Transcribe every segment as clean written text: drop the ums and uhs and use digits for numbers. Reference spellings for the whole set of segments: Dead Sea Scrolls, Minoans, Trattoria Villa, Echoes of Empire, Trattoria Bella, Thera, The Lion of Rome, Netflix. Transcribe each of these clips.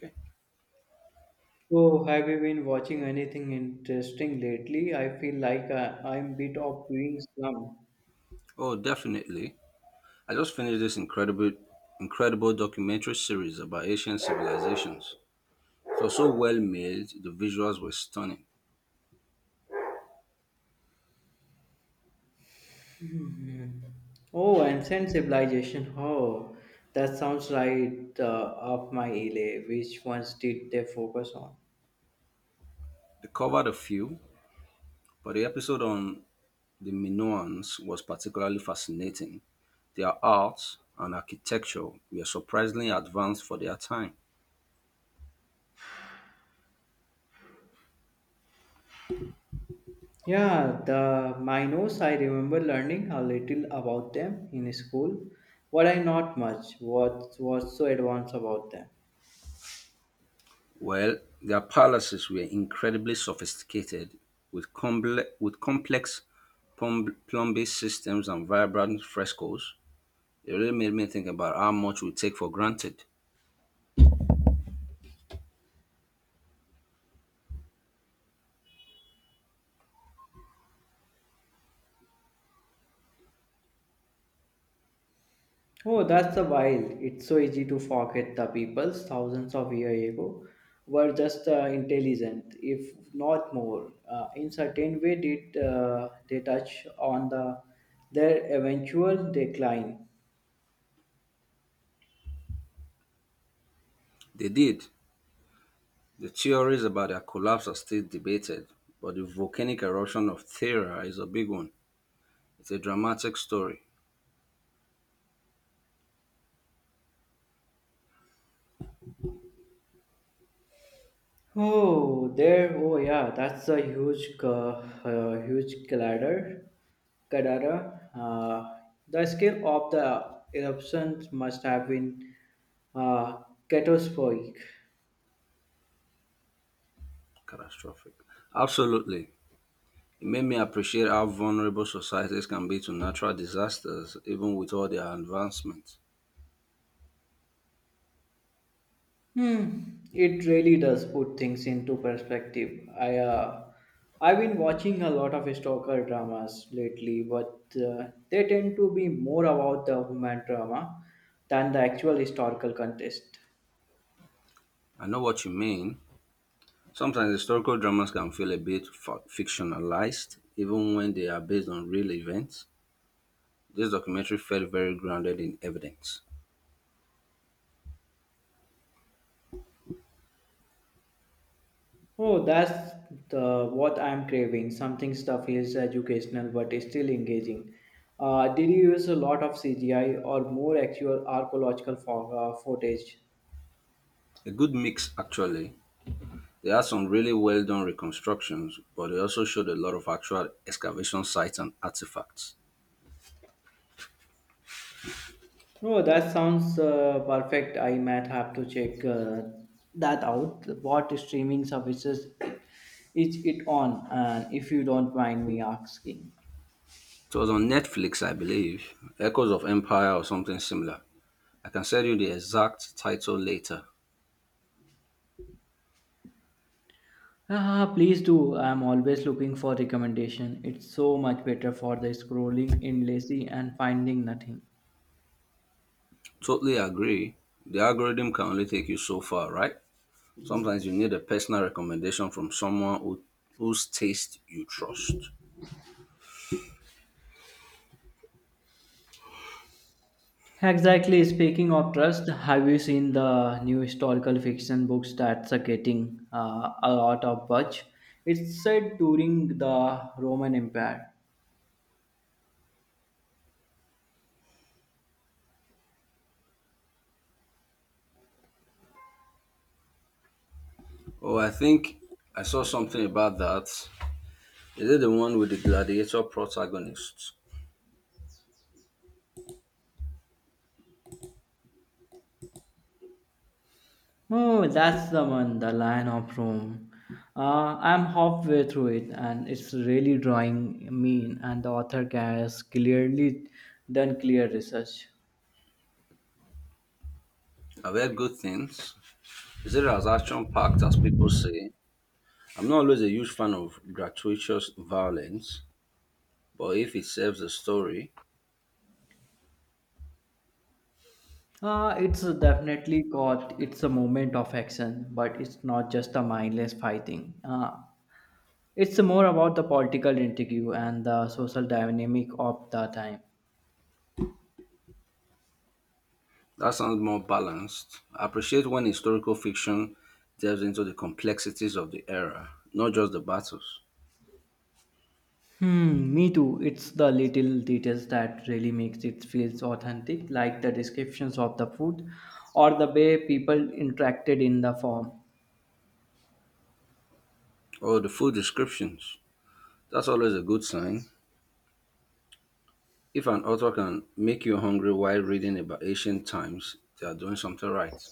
Okay. Oh, have you been watching anything interesting lately? I feel like I'm bit of doing slum. Oh, definitely. I just finished this incredible documentary series about ancient civilizations. It was so well made, the visuals were stunning. Mhm. Oh, ancient civilization. Oh, that sounds right up my alley. Which ones did they focus on? They covered a few, but the episode on the Minoans was particularly fascinating. Their art and architecture were surprisingly advanced for their time. Yeah, the Minos. I remember learning a little about them in school, but I not much. What was so advanced about them? Well, their palaces were incredibly sophisticated, with complex plumbing systems and vibrant frescoes. It really made me think about how much we take for granted. Oh, that's the wise. It's so easy to forget the peoples thousands of years ago were just intelligent, if not more. In certain way, did they touch on the their eventual decline? They did. The theories about their collapse are still debated, but the volcanic eruption of Thera is a big one. It's a dramatic story. Oh, there. Oh, yeah. That's a huge, huge cladder. Kadara, the scale of the eruptions must have been uh, catastrophic. Catastrophic. Absolutely. It made me appreciate how vulnerable societies can be to natural disasters, even with all their advancements. It really does put things into perspective. I've been watching a lot of historical dramas lately, but they tend to be more about the human drama than the actual historical context. I know what you mean. Sometimes historical dramas can feel a bit fictionalized, even when they are based on real events. This documentary felt very grounded in evidence. Oh, that's the what I'm craving. Something stuff is educational but is still engaging. Did you use a lot of CGI or more actual archaeological footage? A good mix, actually. They had some really well done reconstructions, but they also showed a lot of actual excavation sites and artifacts. No, that sounds perfect. I might have to check that out. What streaming services is it on? And if you don't mind me asking, It was on Netflix, I believe, Echoes of Empire or something similar. I can send you the exact title later. ah, please do. I'm always looking for recommendation. It's so much better for the scrolling endlessly and finding nothing. Totally agree. The algorithm can only take you so far, right? Sometimes you need a personal recommendation from someone who, whose taste you trust. Exactly. Speaking of trust, have you seen the new historical fiction books that's getting a lot of buzz? It's set during the Roman Empire. Oh, I think I saw something about that. Is it the one with the gladiator protagonist? Oh, that's the one, The Lion of Rome. I'm halfway through it and it's really drawing me in, and the author has clearly done clear research. I've heard good things. Is it as action packed as people say? I'm not always a huge fan of gratuitous violence, but if it serves the story, It's definitely got it's a moment of action, but it's not just a mindless fighting. It's more about the political intrigue and the social dynamic of the time. that sounds more balanced. I appreciate when historical fiction delves into the complexities of the era, not just the battles. Hmm, me too. It's the little details that really makes it feels authentic, like the descriptions of the food or the way people interacted in the form. Or the full descriptions. That's always a good sign. If an author can make you hungry while reading about ancient times, they are doing something right.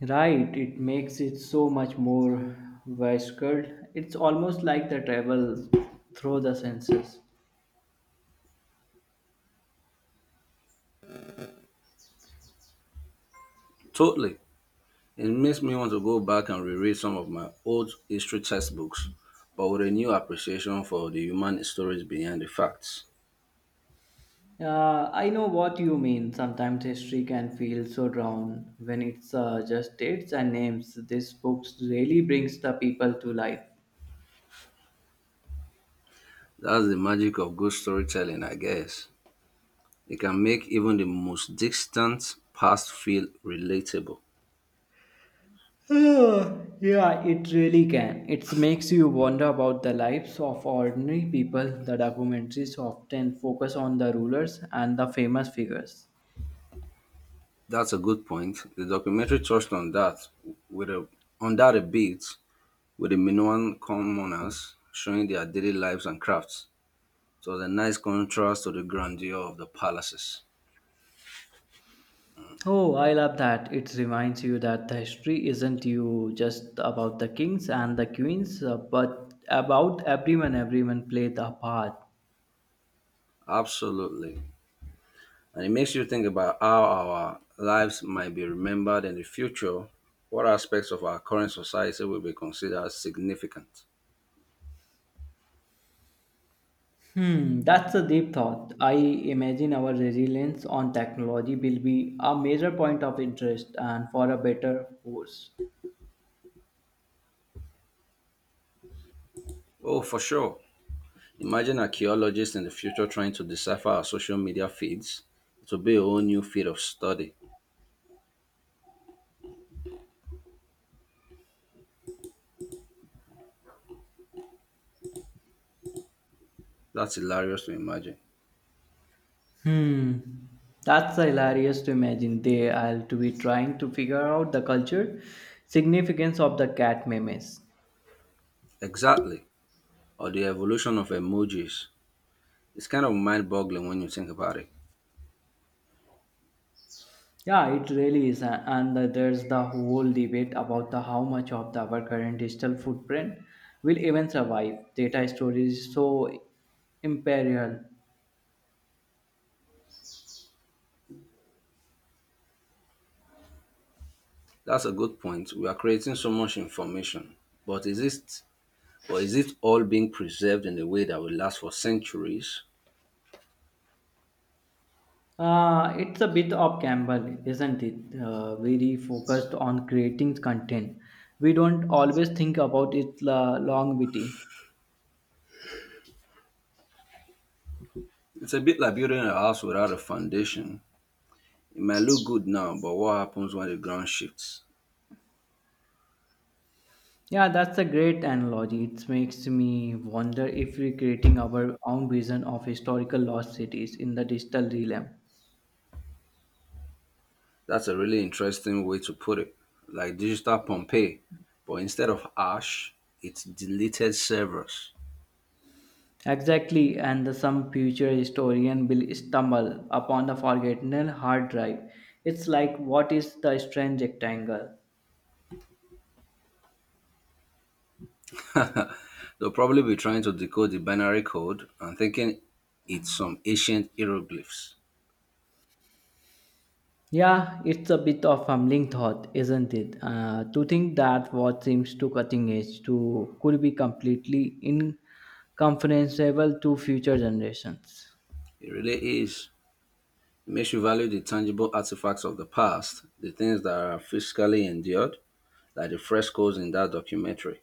Right, it makes it so much more visceral. It's almost like the travel through the senses. Totally. It makes me want to go back and reread some of my old history textbooks, but with a new appreciation for the human stories behind the facts. I know what you mean. Sometimes history can feel so drawn when it's just dates and names. This book really brings the people to life. That's the magic of good storytelling, I guess. It can make even the most distant past feel relatable. Ah, yeah, it really can. It makes you wonder about the lives of ordinary people. The documentaries often focus on the rulers and the famous figures. That's a good point. The documentary touched on with a that a bit with the Minoan commoners showing their daily lives and crafts. It was a nice contrast to the grandeur of the palaces. Oh, I love that. It reminds you that the history isn't you just about the kings and the queens, but about everyone. Everyone played a part. Absolutely. And it makes you think about how our lives might be remembered in the future, what aspects of our current society will be considered significant. Hmm, that's a deep thought. I imagine our reliance on technology will be a major point of interest and for a better course. Oh, for sure. Imagine archaeologists in the future trying to decipher our social media feeds. It will be a whole new field of study. That's hilarious to imagine. Hmm. That's hilarious to imagine. They I'll to be trying to figure out the culture significance of the cat memes. Exactly. Or the evolution of emojis. It's kind of mind boggling when you think about it. Yeah, it really is, and there's the whole debate about the how much of our current digital footprint will even survive. Data storage is so imperial. That's a good point. We are creating so much information. But is it Or is it all being preserved in a way that will last for centuries? It's a bit of gamble, isn't it? Very focused on creating content. We don't always think about its longevity. It's a bit like building a house without a foundation. It might look good now, but what happens when the ground shifts? Yeah, that's a great analogy. It makes me wonder if we're creating our own vision of historical lost cities in the digital realm. That's a really interesting way to put it. Like digital Pompeii, but instead of ash, it's deleted servers. Exactly, and some future historian will stumble upon the forgotten hard drive. It's like, what is the strange rectangle? They'll probably be trying to decode the binary code and thinking it's some ancient hieroglyphs. Yeah, it's a bit of humbling thought, isn't it? To think that what seems too cutting edge to could be completely incomprehensible to future generations. It really is. It makes you value the tangible artifacts of the past, the things that are physically endured, like the frescoes in that documentary.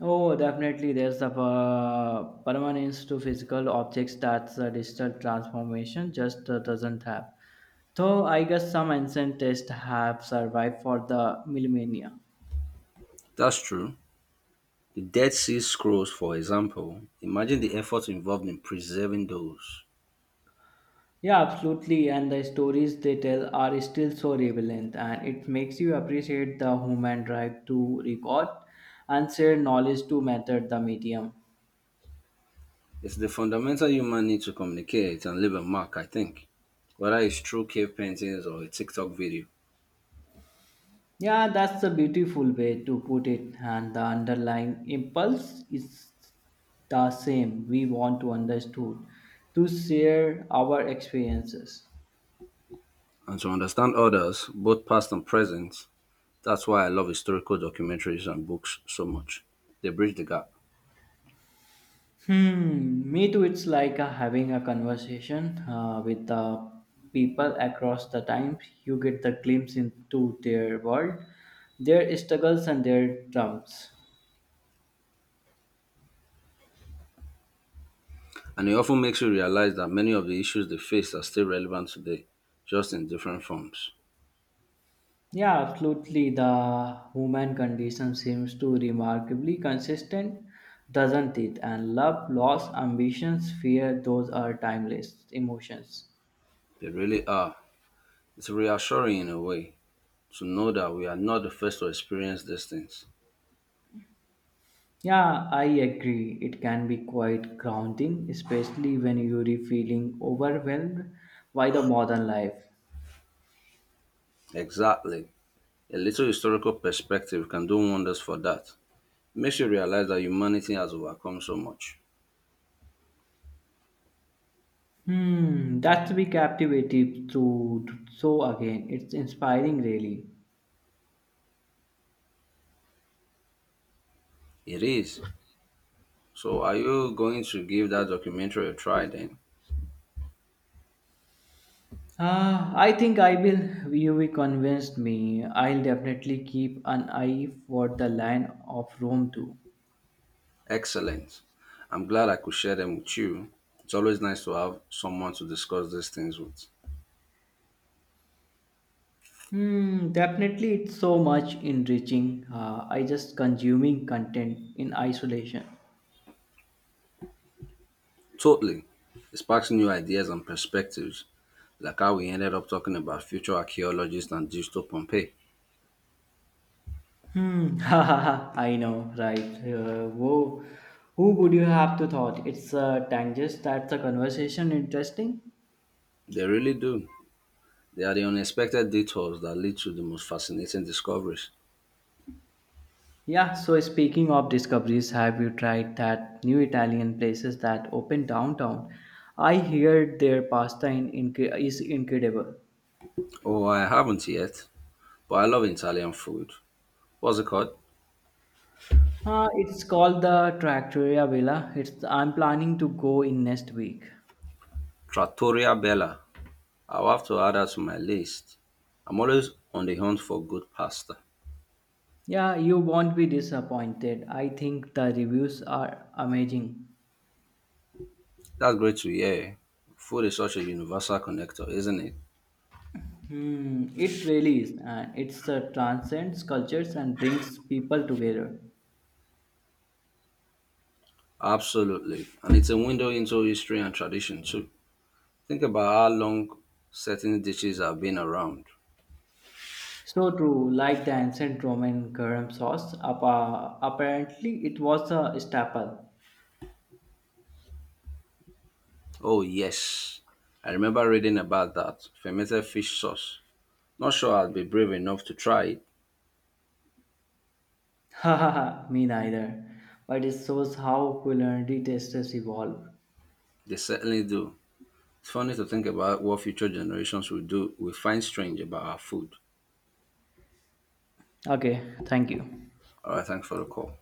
Oh, definitely. There's a permanence to physical objects that the digital transformation just doesn't have. Though I guess some ancient texts have survived for the millennia. That's true. The Dead Sea Scrolls, for example, imagine the effort involved in preserving those. Yeah, absolutely. And the stories they tell are still so relevant, and it makes you appreciate the human drive to record and share knowledge to matter the medium. It's the fundamental human need to communicate and leave a mark, I think, whether it's through cave paintings or a TikTok video. Yeah, that's a beautiful way to put it, and the underlying impulse is the same. We want to understood, to share our experiences. And to understand others, both past and present, that's why I love historical documentaries and books so much. They bridge the gap. Hmm, me too. It's like having a conversation with the people across the time. You get the glimpse into their world, their struggles, and their drums. And it often makes you realize that many of the issues they faced are still relevant today, just in different forms. Yeah, absolutely. The human condition seems to remarkably consistent, doesn't it? And love, loss, ambitions, fear, those are timeless emotions. They really are. It's reassuring in a way to know that we are not the first to experience these things. Yeah, I agree. It can be quite grounding, especially when you're feeling overwhelmed by the modern life. Exactly. A little historical perspective can do wonders for that. Makes you realize that humanity has overcome so much. Hmm, that's be captivative to so again. It's inspiring really. It is. So, are you going to give that documentary a try then? I think I will. You will convinced me. I'll definitely keep an eye for the line of Rome too. Excellent. I'm glad I could share them with you. It's always nice to have someone to discuss these things with. Hmm, definitely it's so much enriching. I just consuming content in isolation. Totally. It sparks new ideas and perspectives, like how we ended up talking about future archaeologists and digital Pompeii. Hmm, ha ha ha. I know, right? Whoa, who would you have to thought? It's tangent. That's a conversation interesting. They really do. They are the unexpected detours that lead to the most fascinating discoveries. Yeah, so speaking of discoveries, have you tried that new Italian places that open downtown? I heard their pasta is incredible. Oh, I haven't yet, but I love Italian food. What's it called? It's called the Trattoria Villa. It's I'm planning to go in next week. Trattoria Bella. I'll have to add that to my list. I'm always on the hunt for good pasta. Yeah, you won't be disappointed. I think the reviews are amazing. That's great to hear. Food is such a universal connector, isn't it? Hmm, it really is, and it's transcends cultures and brings people together. Absolutely. And it's a window into history and tradition, too. Think about how long certain dishes have been around. So true, like the ancient Roman garum sauce, apparently it was a staple. Oh, yes. I remember reading about that fermented fish sauce. Not sure I'd be brave enough to try it. Haha, me neither. But it shows how culinary tastes evolve. They certainly do. It's funny to think about what future generations will do. We find strange about our food. Okay, thank you. All right, thanks for the call.